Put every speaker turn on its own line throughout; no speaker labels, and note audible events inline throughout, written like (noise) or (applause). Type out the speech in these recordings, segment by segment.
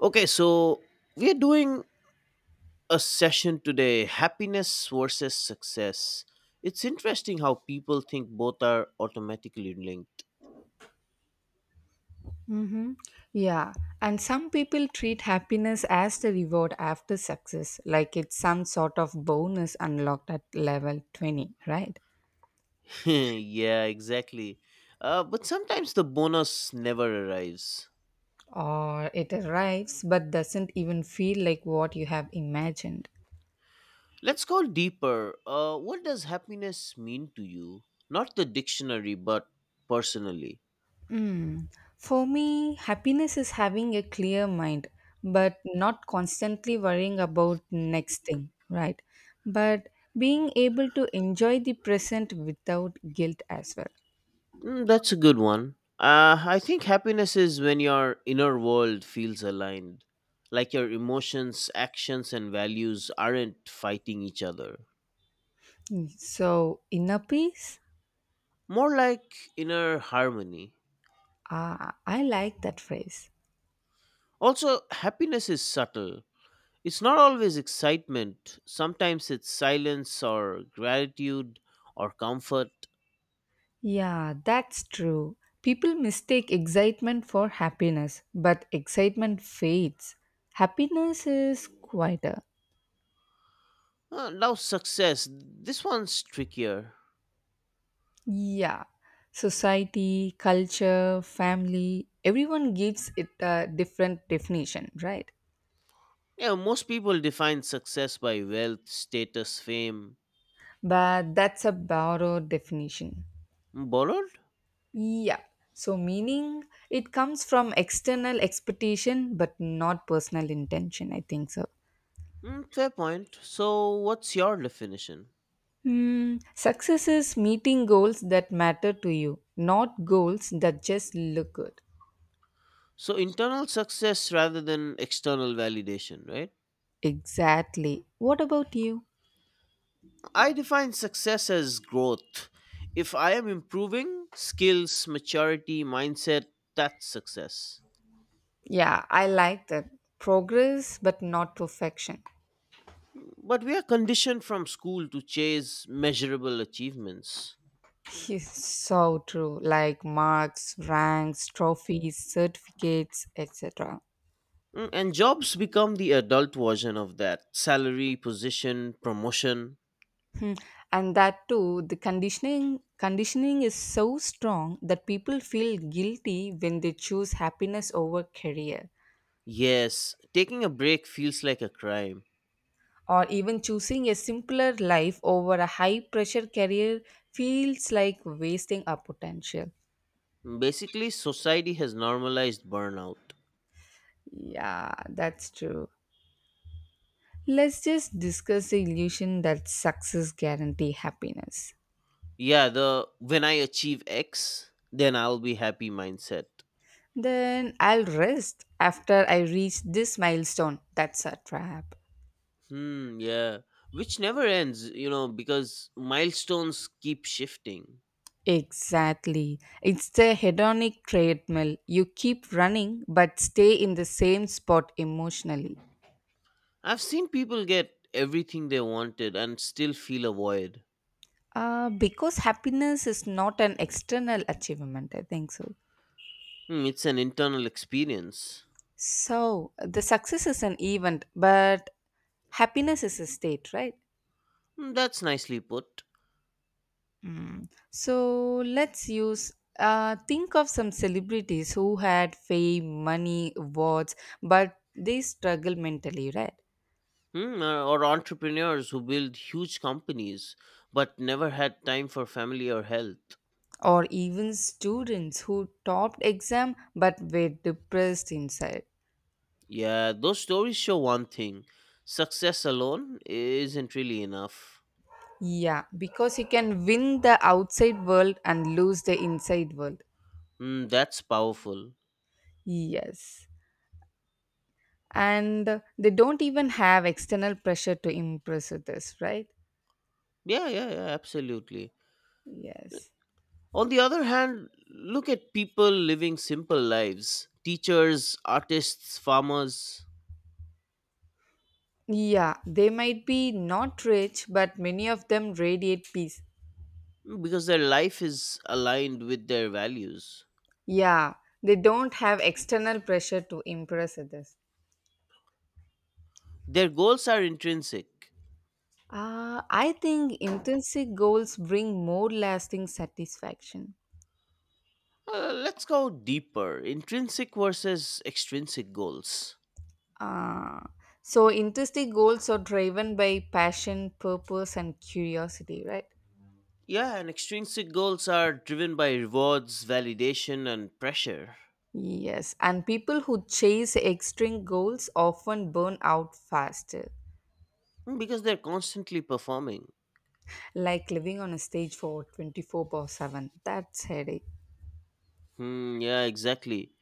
Okay, so we're doing a session today: happiness versus success. It's interesting how people think both are automatically linked.
Mm-hmm. Yeah. And some people treat happiness as the reward after success, like it's some sort of bonus unlocked at level 20, right?
(laughs) yeah, exactly. But sometimes the bonus never arrives.
Or it arrives but doesn't even feel like what you have imagined.
Let's go deeper. What does happiness mean to you? Not the dictionary, but personally.
Mm. For me, happiness is having a clear mind, but not constantly worrying about next thing, right? But being able to enjoy the present without guilt as well.
Mm, that's a good one. I think happiness is when your inner world feels aligned, like your emotions, actions, and values aren't fighting each other.
Mm. So, inner peace?
More like inner harmony.
Ah, I like that phrase.
Also, happiness is subtle. It's not always excitement, sometimes it's silence or gratitude or comfort.
Yeah, that's true. People mistake excitement for happiness, but excitement fades. Happiness is quieter.
Now, success. This one's trickier.
Yeah, society, culture, family, everyone gives it a different definition, right?
Yeah, most people define success by wealth, status, fame.
But that's a borrowed definition.
Borrowed?
Yeah, so meaning it comes from external expectation but not personal intention, I think so.
Mm, fair point. So, what's your definition?
Hmm, success is meeting goals that matter to you, not goals that just look good.
So, internal success rather than external validation, right?
Exactly. What about you?
I define success as growth. If I am improving skills, maturity, mindset, that's success.
Yeah, I like that. Progress, but not perfection.
But we are conditioned from school to chase measurable achievements.
Yes, so true. Like marks, ranks, trophies, certificates, etc.
Mm. And jobs become the adult version of that: salary, position, promotion.
Hmm. And that too, the conditioning is so strong that people feel guilty when they choose happiness over career.
Yes, taking a break feels like a crime.
Or even choosing a simpler life over a high pressure career feels like wasting our potential.
Basically, society has normalized burnout.
Yeah, that's true. Let's just discuss the illusion that success guarantee happiness.
Yeah, the "when I achieve X, then I'll be happy" mindset.
Then I'll rest after I reach this milestone. That's a trap.
Hmm, yeah. Which never ends because milestones keep shifting.
Exactly. It's the hedonic treadmill. You keep running but stay in the same spot emotionally.
I've seen people get everything they wanted and still feel a void.
Because happiness is not an external achievement, I think so.
Hmm, it's an internal experience.
So, the success is an event, but happiness is a state, right?
Hmm, that's nicely put.
Mm. So, let's use think of some celebrities who had fame, money, awards, but they struggle mentally, right?
Hmm, or entrepreneurs who build huge companies but never had time for family or health.
Or even students who topped exam but were depressed inside.
Yeah, those stories show one thing: success alone isn't really enough.
Yeah, because you can win the outside world and lose the inside world.
Mm, that's powerful.
Yes. And they don't even have external pressure to impress with this, right?
Yeah, yeah, yeah, absolutely.
Yes.
On the other hand, look at people living simple lives: teachers, artists, farmers.
Yeah, they might be not rich, but many of them radiate peace.
Mm, because their life is aligned with their values.
Yeah, they don't have external pressure to impress others.
Their goals are intrinsic.
I think intrinsic goals bring more lasting satisfaction.
Let's go deeper: intrinsic versus extrinsic goals.
Uh, so, intrinsic goals are driven by passion, purpose, and curiosity, right?
Yeah, and extrinsic goals are driven by rewards, validation, and pressure.
Yes, and people who chase extreme goals often burn out faster,
Hmm, because they're constantly performing.
like living on a stage for 24/7. That's headache.
Hmm, yeah, exactly.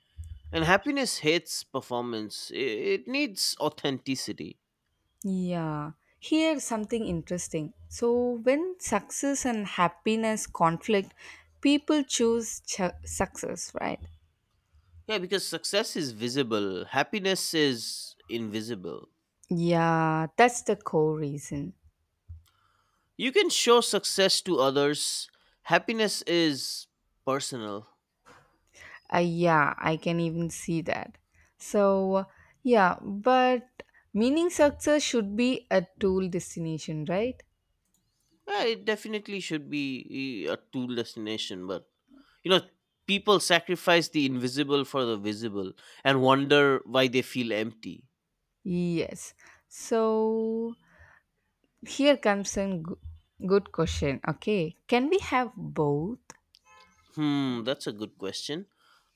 And happiness hates performance, it needs authenticity.
Yeah. Here something interesting. So when success and happiness conflict, people success, right?
Yeah, because success is visible, happiness is invisible.
Yeah, that's the core reason.
You can show success to others, happiness is personal.
Yeah, I can even see that. So, yeah, but meaning success should be a tool destination, right?
Yeah, it definitely should be a two destination, but you know, people sacrifice the invisible for the visible and wonder why they feel empty.
Yes. So here comes a good question. Okay. Can we have both?
Hmm, that's a good question.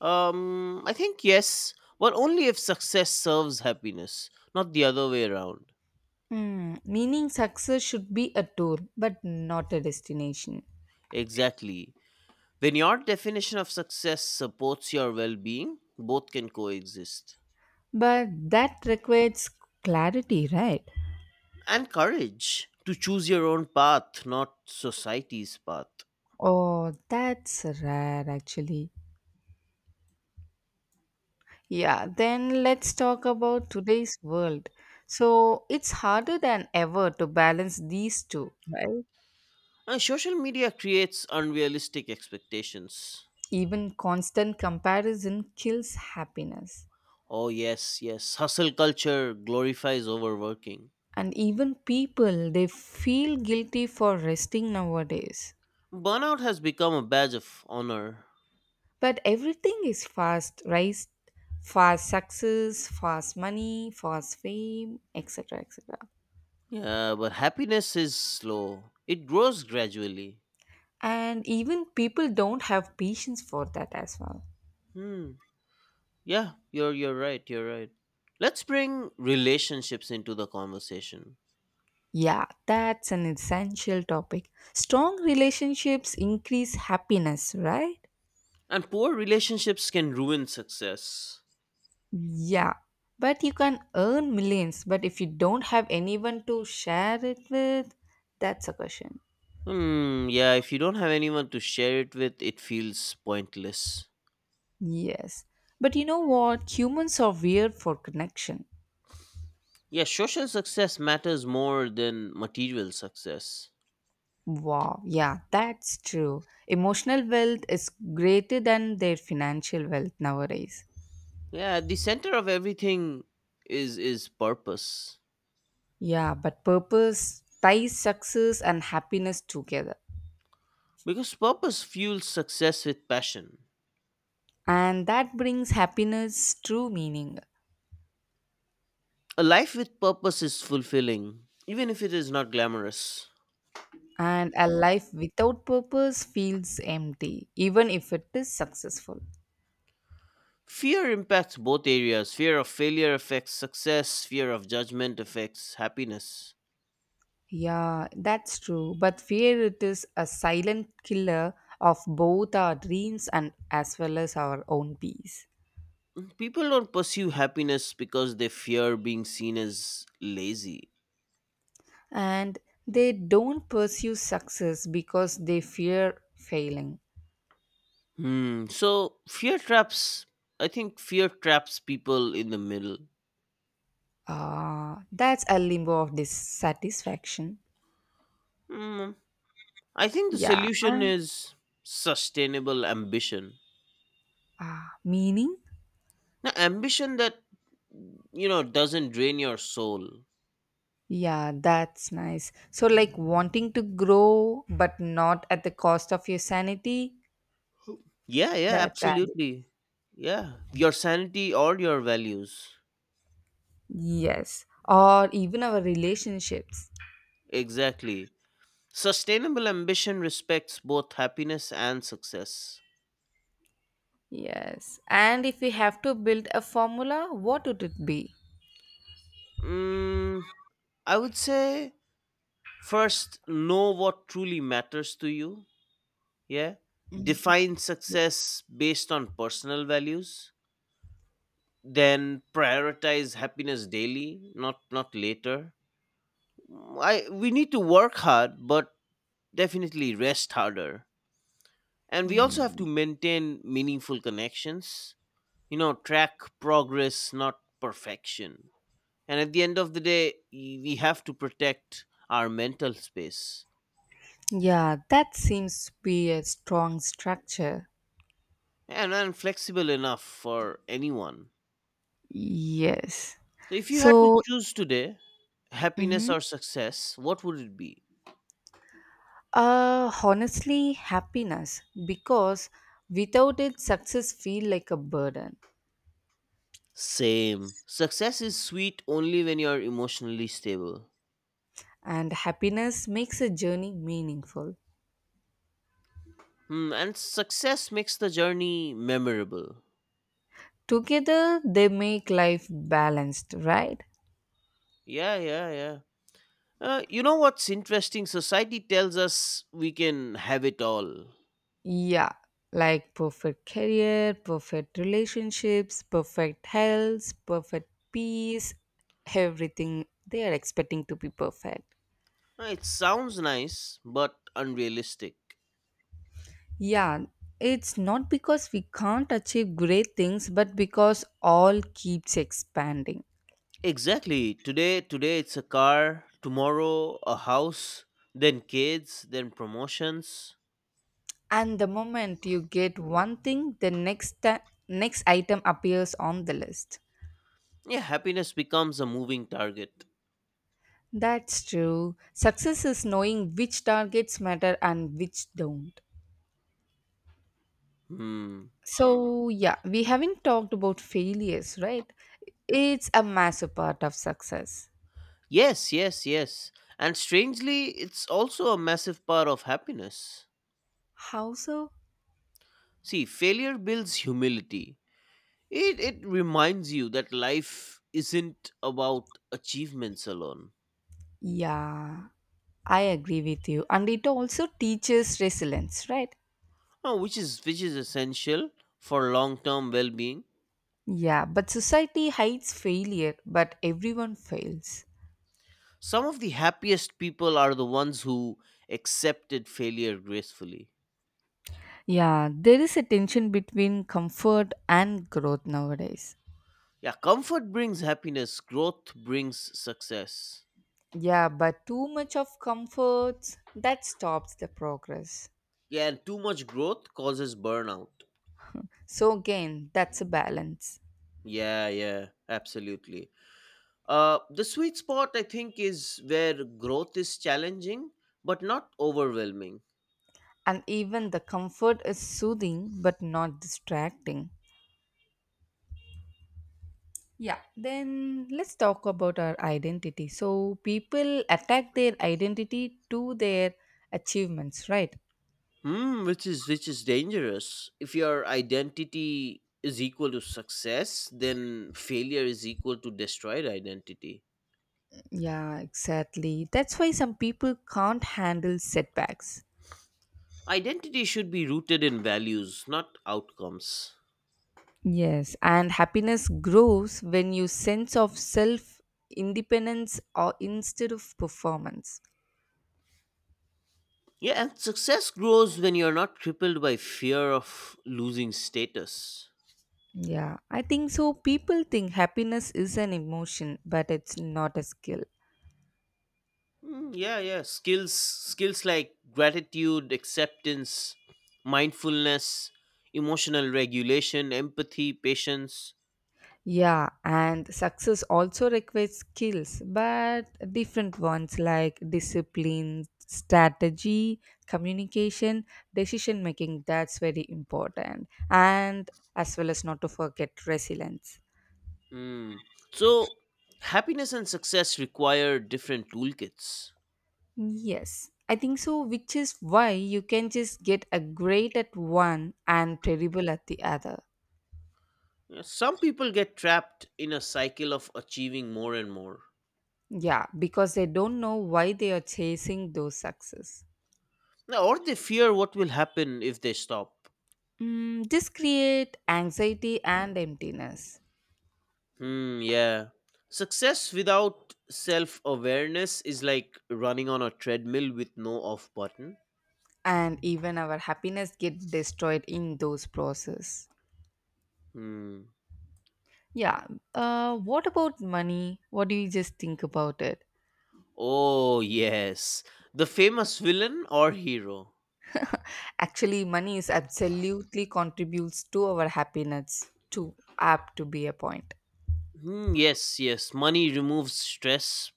I think yes, but only if success serves happiness, not the other way around.
Hmm. Meaning success should be a tool, but not a destination.
Exactly. When your definition of success supports your well being, both can coexist.
But that requires clarity, right?
And courage to choose your own path, not society's path.
Oh, that's rare actually. Yeah, then let's talk about today's world. So it's harder than ever to balance these two, right?
And social media creates unrealistic expectations.
Even constant comparison kills happiness.
Oh, yes, yes. Hustle culture glorifies overworking.
And even people they feel guilty for resting nowadays.
Burnout has become a badge of honor.
But everything is fast, right? Fast success, fast money, fast fame, etc., etc.
Yeah, but happiness is slow. It grows gradually.
And even people don't have patience for that as well.
Hmm. Yeah, you're right, you're right. Let's bring relationships into the conversation.
Yeah, that's an essential topic. Strong relationships increase happiness, right?
And poor relationships can ruin success.
Yeah, but you can earn millions, but if you don't have anyone to share it with, that's a question.
Hmm, yeah, if you don't have anyone to share it with, it feels pointless.
Yes. But you know what? Humans are weird for connection.
Yeah, social success matters more than material success.
Wow. Yeah, that's true. Emotional wealth is greater than their financial wealth nowadays.
Yeah, at the center of everything is purpose.
Yeah, but purpose ties success and happiness together.
Because purpose fuels success with passion.
And that brings happiness true meaning.
A life with purpose is fulfilling, even if it is not glamorous.
And a life without purpose feels empty, even if it is successful.
Fear impacts both areas. Fear of failure affects success, fear of judgment affects happiness.
Yeah, that's true. But fear it is a silent killer of both our dreams and as well as our own peace.
People don't pursue happiness because they fear being seen as lazy.
And they don't pursue success because they fear failing.
Hmm. So fear traps. I think fear traps people in the middle.
Ah, that's a limbo of dissatisfaction.
Hmm. I think the
Yeah.
solution is sustainable ambition.
Ah, meaning?
Now, ambition that doesn't drain your soul.
Yeah, that's nice. So, like wanting to grow, but not at the cost of your sanity,
Yeah. Yeah.
that value.
Absolutely. Yeah. Your sanity or your values.
Yes, or even our relationships.
Exactly. Sustainable ambition respects both happiness and success.
Yes. And if we have to build a formula, what would it be?
Mm, I would say first, know what truly matters to you. Yeah, define success based on personal values. Then prioritize happiness daily, not later. Mm, I we need to work hard, but definitely rest harder. And we also
Hmm.
have to maintain meaningful connections. Track progress, not perfection. And at the end of the day, we have to protect our mental space.
Yeah, that seems to be a strong structure.
And flexible enough for anyone.
Yes.
So, if you had to
So,
choose today, happiness
Mm-hmm.
or success, what would it be?
Honestly, happiness because without it, success feel like a burden,
Same. Success is sweet only when you're emotionally stable.
and happiness makes a journey meaningful.
Hmm, and success makes the journey memorable.
Together, they make life balanced, right?
Yeah, yeah, yeah. You know what's interesting? Society tells us we can have it all.
Yeah, like perfect career, perfect relationships, perfect health, perfect peace, everything they are expecting to be perfect.
It sounds nice, but unrealistic.
Yeah, it's not because we can't achieve great things, but because all keeps expanding.
Exactly. Today it's a car. Tomorrow, a house. Then kids. Then promotions.
And the moment you get one thing, the next item appears on the list.
Yeah, happiness becomes a moving target.
That's true. Success is knowing which targets matter and which don't.
Hmm.
So, yeah, we haven't talked about failures, right? It's a massive part of success.
Yes, yes, yes. And strangely, it's also a massive part of happiness.
How so?
See, failure builds humility. It reminds you that life isn't about achievements alone.
Yeah, I agree with you. And it also teaches resilience, right?
Oh, which is essential for long-term well-being.
Yeah, but society hides failure, but everyone fails.
Some of the happiest people are the ones who accepted failure gracefully.
Yeah, there is a tension between comfort and growth nowadays.
Yeah, comfort brings happiness, growth brings success.
Yeah, but too much of comforts that stops the progress.
Yeah, and too much growth causes burnout.
So again, that's a balance.
Yeah, yeah, absolutely. The sweet spot, I think, is where growth is challenging but not overwhelming.
And even the comfort is soothing but not distracting. Yeah, then let's talk about our identity. So, people attack their identity to their achievements, right?
Hmm, which is dangerous. If your identity is equal to success, then failure is equal to destroyed identity.
Yeah, exactly. That's why some people can't handle setbacks.
Identity should be rooted in values, not outcomes.
Yes, and happiness grows when you sense of self independence or instead of performance.
Yeah, and success grows when you're not crippled by fear of losing status.
Yeah, I think so. People think happiness is an emotion, but it's not a skill.
Mm, yeah, yeah. Skills like gratitude, acceptance, mindfulness, emotional regulation, empathy, patience.
Yeah, and success also requires skills, but different ones like discipline, strategy, communication, decision making. That's very important. And as well as not to forget resilience.
Mm. So, happiness and success require different toolkits.
Yes, I think so, which is why you can just get a great at one and terrible at the other.
Yeah, some people get trapped in a cycle of achieving more and more.
Yeah, because they don't know why they are chasing those success.
No, or they fear what will happen if they stop.
Mm, this create anxiety and emptiness.
Hmm. Yeah. Success without self awareness is like running on a treadmill with no off button.
And even our happiness gets destroyed in those process.
Hmm.
Yeah. What about money? What do you just think about it?
Oh, yes. The famous villain or hero?
Actually, money is absolutely contributes to our happiness too, up to be a point.
Hmm, yes, yes. Money removes stress,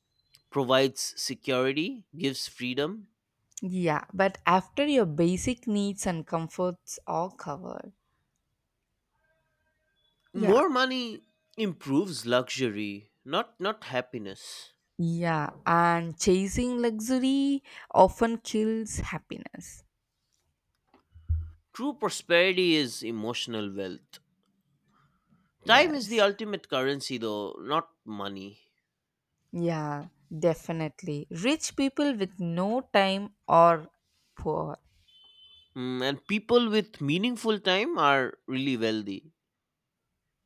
provides security, gives freedom.
Yeah, but after your basic needs and comforts are covered. Yeah,
More money improves luxury, not happiness.
yeah, and chasing luxury often kills happiness.
True prosperity is emotional wealth. Time is the
Yes.
ultimate currency though, not money.
Yeah, definitely. Rich people with no time or poor.
Hmm, and people with meaningful time are really wealthy.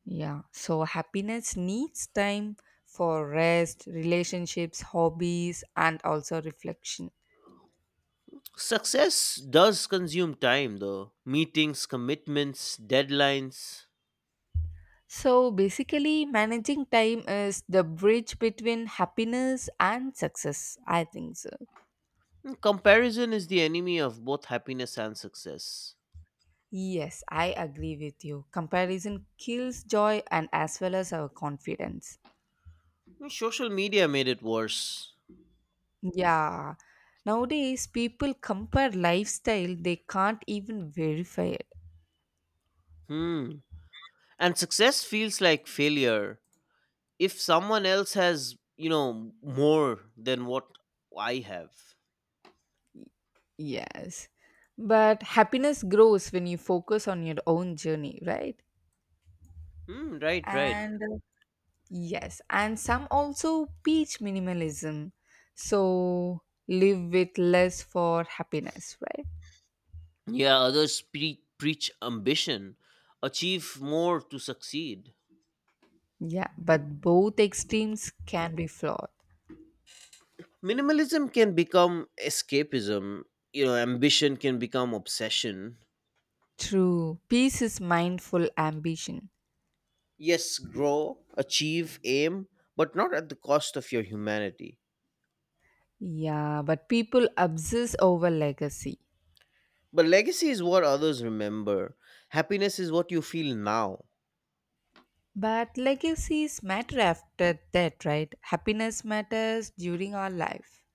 Yeah, so happiness needs time for rest, relationships, hobbies, and also reflection.
Success does consume time, though. Meetings, commitments, deadlines.
So basically, managing time is the bridge between happiness and success. I think so.
And comparison is the enemy of both happiness and success.
Yes, I agree with you. Comparison kills joy and as well as our confidence.
And social media made it worse.
Yeah. Nowadays, people compare lifestyle they can't even verify it.
Hmm. And success feels like failure if someone else has, more than what I have.
Yes. But happiness grows when you focus on your own journey, right?
Hmm, right, right.
And yes, and some also preach minimalism. So live with less for happiness, right?
Yeah, others preach ambition, achieve more to succeed.
Yeah, but both extremes can be flawed.
Minimalism can become escapism. Ambition can become obsession.
True. Peace is mindful ambition.
Yes, grow, achieve, aim, but not at the cost of your humanity.
Yeah, but people obsess over legacy.
But legacy is what others remember, happiness is what you feel now.
But legacies matter after that, right? Happiness matters during our life.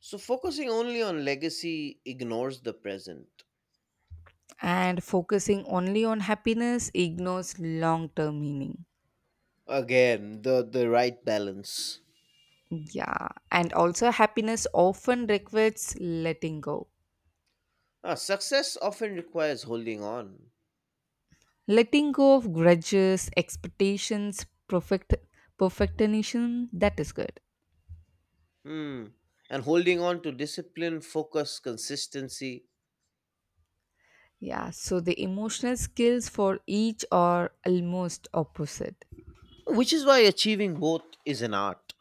So focusing only on legacy ignores the present.
And focusing only on happiness ignores long term meaning.
Again, the right balance.
Yeah. And also, happiness often requires letting go.
Ah, success often requires holding on.
Letting go of grudges, expectations, perfectionism, that is good.
Hmm, and holding on to discipline, focus, consistency.
Yeah. So, the emotional skills for each are almost opposite.
Which is why achieving both is an art.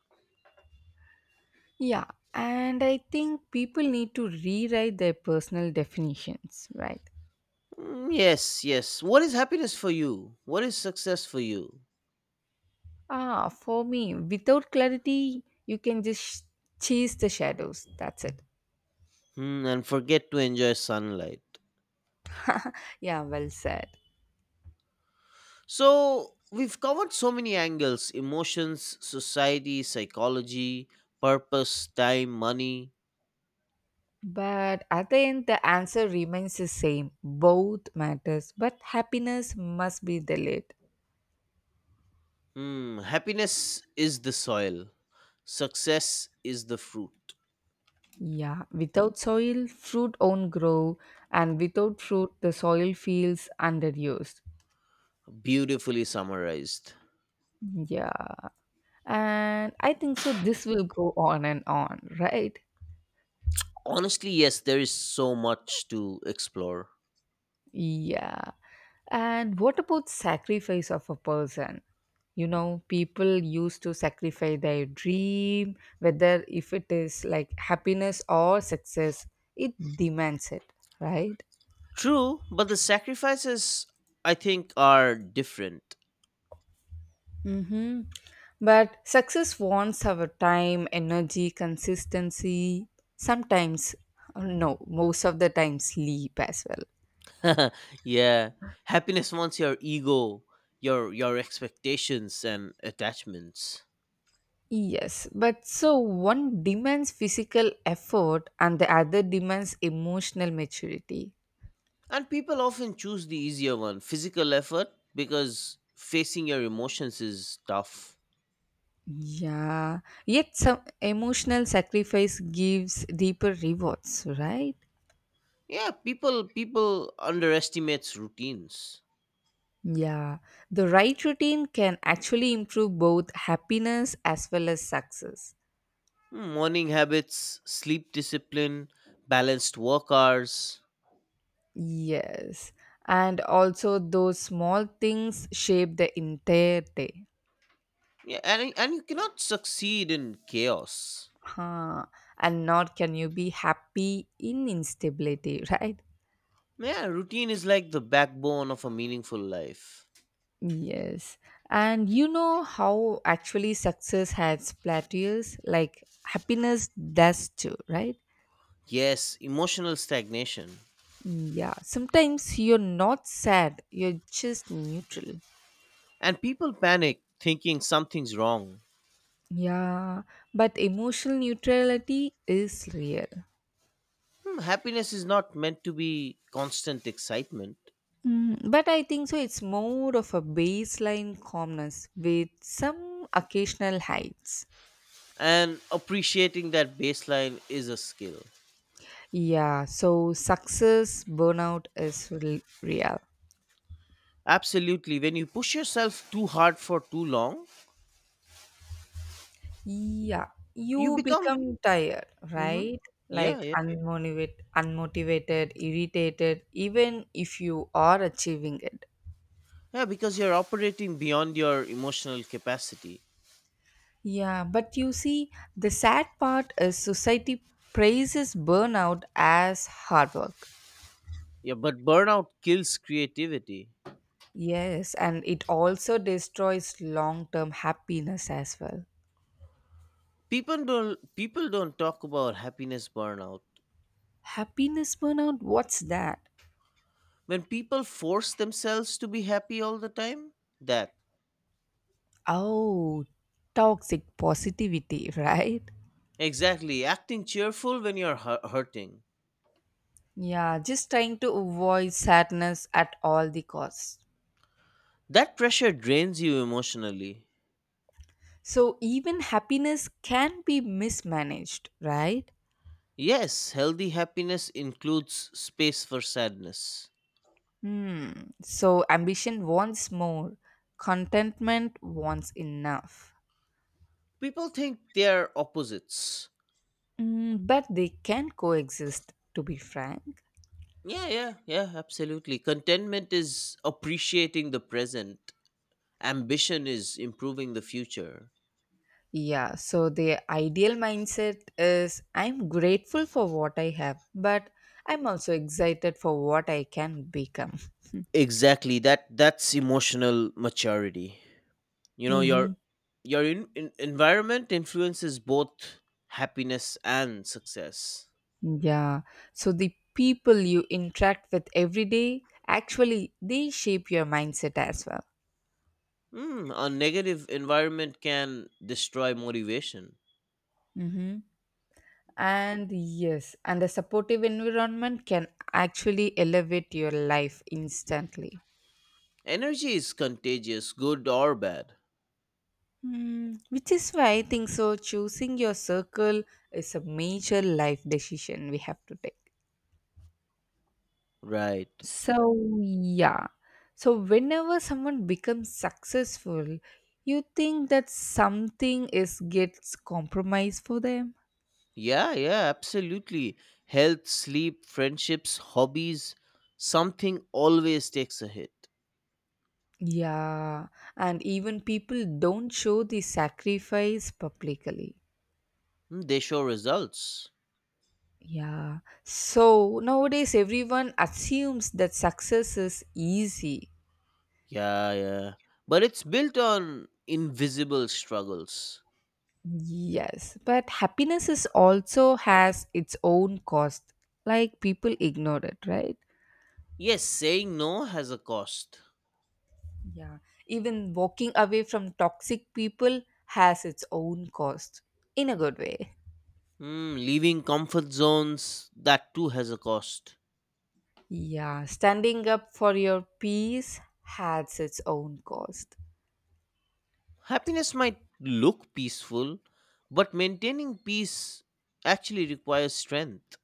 Yeah, and I think people need to rewrite their personal definitions, right?
Mm, yes, yes. What is happiness for you? What is success for you?
Ah, for me, without clarity, you can just chase the shadows. That's it.
Hmm, and forget to enjoy sunlight.
(laughs) Yeah, well said.
So, we've covered so many angles: emotions, society, psychology, purpose, time, money.
But at the end, the answer remains the same. Both matters, but happiness must be delayed.
Hmm, happiness is the soil, success is the fruit.
Yeah, without soil, fruit won't grow, and without fruit, the soil feels underused.
Beautifully summarized.
Yeah. And I think so, this will go on and on, right?
Honestly, yes, there is so much to explore.
Yeah. And what about sacrifice of a person? People used to sacrifice their dream, whether if it is like happiness or success, it demands it, right?
True, but the sacrifices, I think, are different.
Mm-hmm. But success wants our time, energy, consistency, sometimes, no, most of the time, sleep as well.
(laughs) yeah, happiness wants your ego, your expectations and attachments.
Yes, but so one demands physical effort and the other demands emotional maturity.
And people often choose the easier one, physical effort, because facing your emotions is tough.
Yeah, yet some emotional sacrifice gives deeper rewards, right?
Yeah, people underestimates routines.
Yeah, the right routine can actually improve both happiness as well as success.
Hmm, morning habits, sleep discipline, balanced work hours.
Yes, and also those small things shape the entire day.
Yeah, and you cannot succeed in chaos.
Huh. And nor can you be happy in instability, (laughs) right?
Yeah, routine is like the backbone of a meaningful life.
Yes. And you know how actually success has plateaus? Like happiness does too, right?
Yes, emotional stagnation.
Mm, yeah. Sometimes you're not sad, you're just neutral.
And people panic thinking something's wrong.
Yeah. But emotional neutrality is real.
Hmm, happiness is not meant to be constant excitement.
Mm, but I think so, it's more of a baseline calmness with some occasional heights.
And appreciating that baseline is a skill.
Yeah. So success burnout is real.
Absolutely. When you push yourself too hard for too long,
Yeah,
you
you
become.
become tired,
Hmm.
right?
Yeah,
Like
yeah.
unmotivated, irritated, even if you are achieving it.
Yeah, because you're operating beyond your emotional capacity.
Yeah, but you see, the sad part is society praises burnout as hard work.
Yeah, but burnout kills creativity.
Yes, and it also destroys long term happiness as well.
People don't talk about happiness burnout.
Happiness burnout, what's that?
When people force themselves to be happy all the time, that.
Oh, toxic positivity, (laughs) right?
Exactly, acting cheerful when you're hurting.
Yeah, just trying to avoid sadness at all the costs.
That pressure drains you emotionally.
So even happiness can be mismanaged, right?
Yes, healthy happiness includes space for sadness.
Hmm. So ambition wants more, contentment wants enough.
People think they're opposites.
Mm, but they can coexist, to be frank.
Yeah, yeah, yeah, absolutely. Contentment is appreciating the present, ambition is improving the future.
Yeah, so the ideal mindset is I'm grateful for what I have, but I'm also excited for what I can become.
Exactly. That's emotional maturity. You know, your
Mhm.
your environment influences both happiness and success.
Yeah. So the people you interact with every day actually they shape your mindset as well.
Mm, a negative environment can destroy motivation.
Mm-hmm. And yes, and a supportive environment can actually elevate your life instantly.
Energy is contagious, good or bad.
Mm, which is why I think so. Choosing your circle is a major life decision we have to take.
Right.
So, yeah. So, whenever someone becomes successful, you think that something is gets compromised for them.
Yeah, yeah, absolutely. Health, sleep, friendships, hobbies, something always takes a hit.
Yeah, and even people don't show the sacrifice publicly.
Mm, they show results.
Yeah. So, nowadays everyone assumes that success is easy.
Yeah, yeah. But it's built on invisible struggles.
Yes, but happiness is also has its own cost. Like people ignore it, right?
Yes, saying no has a cost.
Yeah, even walking away from toxic people has its own cost in a good way.
Hmm, leaving comfort zones, that too has a cost.
Yeah, standing up for your peace has its own cost.
Happiness might look peaceful, but maintaining peace actually requires strength.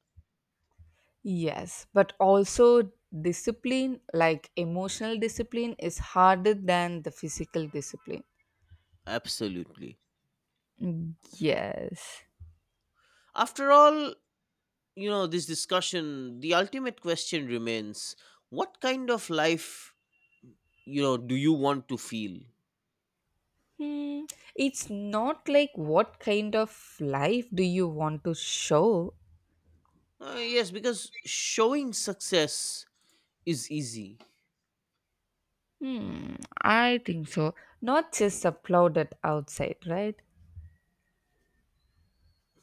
Yes, but also discipline, like emotional discipline, is harder than the physical discipline.
Absolutely.
Mm, yes.
After all, this discussion, the ultimate question remains: what kind of life, do you want to feel?
Hmm. It's not like what kind of life do you want to show.
Yes, because showing success is easy.
Hmm, I think so. Not just applauded outside, right?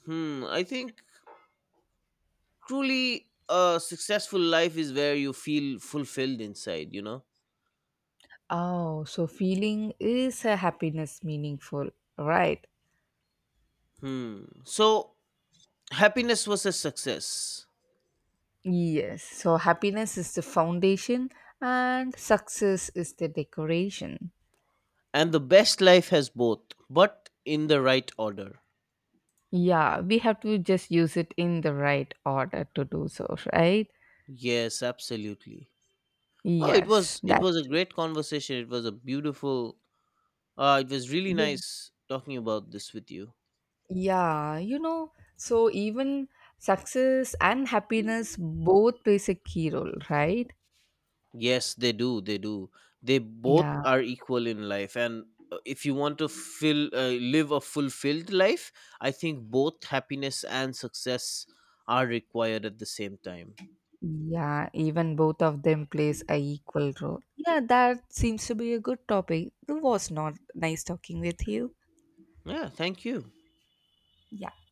Hmm, I think truly a successful life is where you feel fulfilled inside, you know?
Oh, so feeling is a happiness meaningful, right?
Hmm. So, happiness versus success.
Yes. So happiness is the foundation and success is the decoration.
And the best life has both, but in the right order.
Yeah, we have to just use it in the right order to do so, right?
Yes, absolutely. Oh, it
Yes,
was it was
that's
a
true.
great conversation. It was really
Yeah.
nice talking about this with you.
Yeah, so even success and happiness both plays a key role, right?
Yes, they do. They do. They both
Yeah.
are equal in life, and if you want to fill live a fulfilled life, I think both happiness and success are required at the same time.
Yeah, even both of them plays a equal role. Yeah, that seems to be a good topic. It was not nice talking with you.
Yeah. Thank you.
Yeah.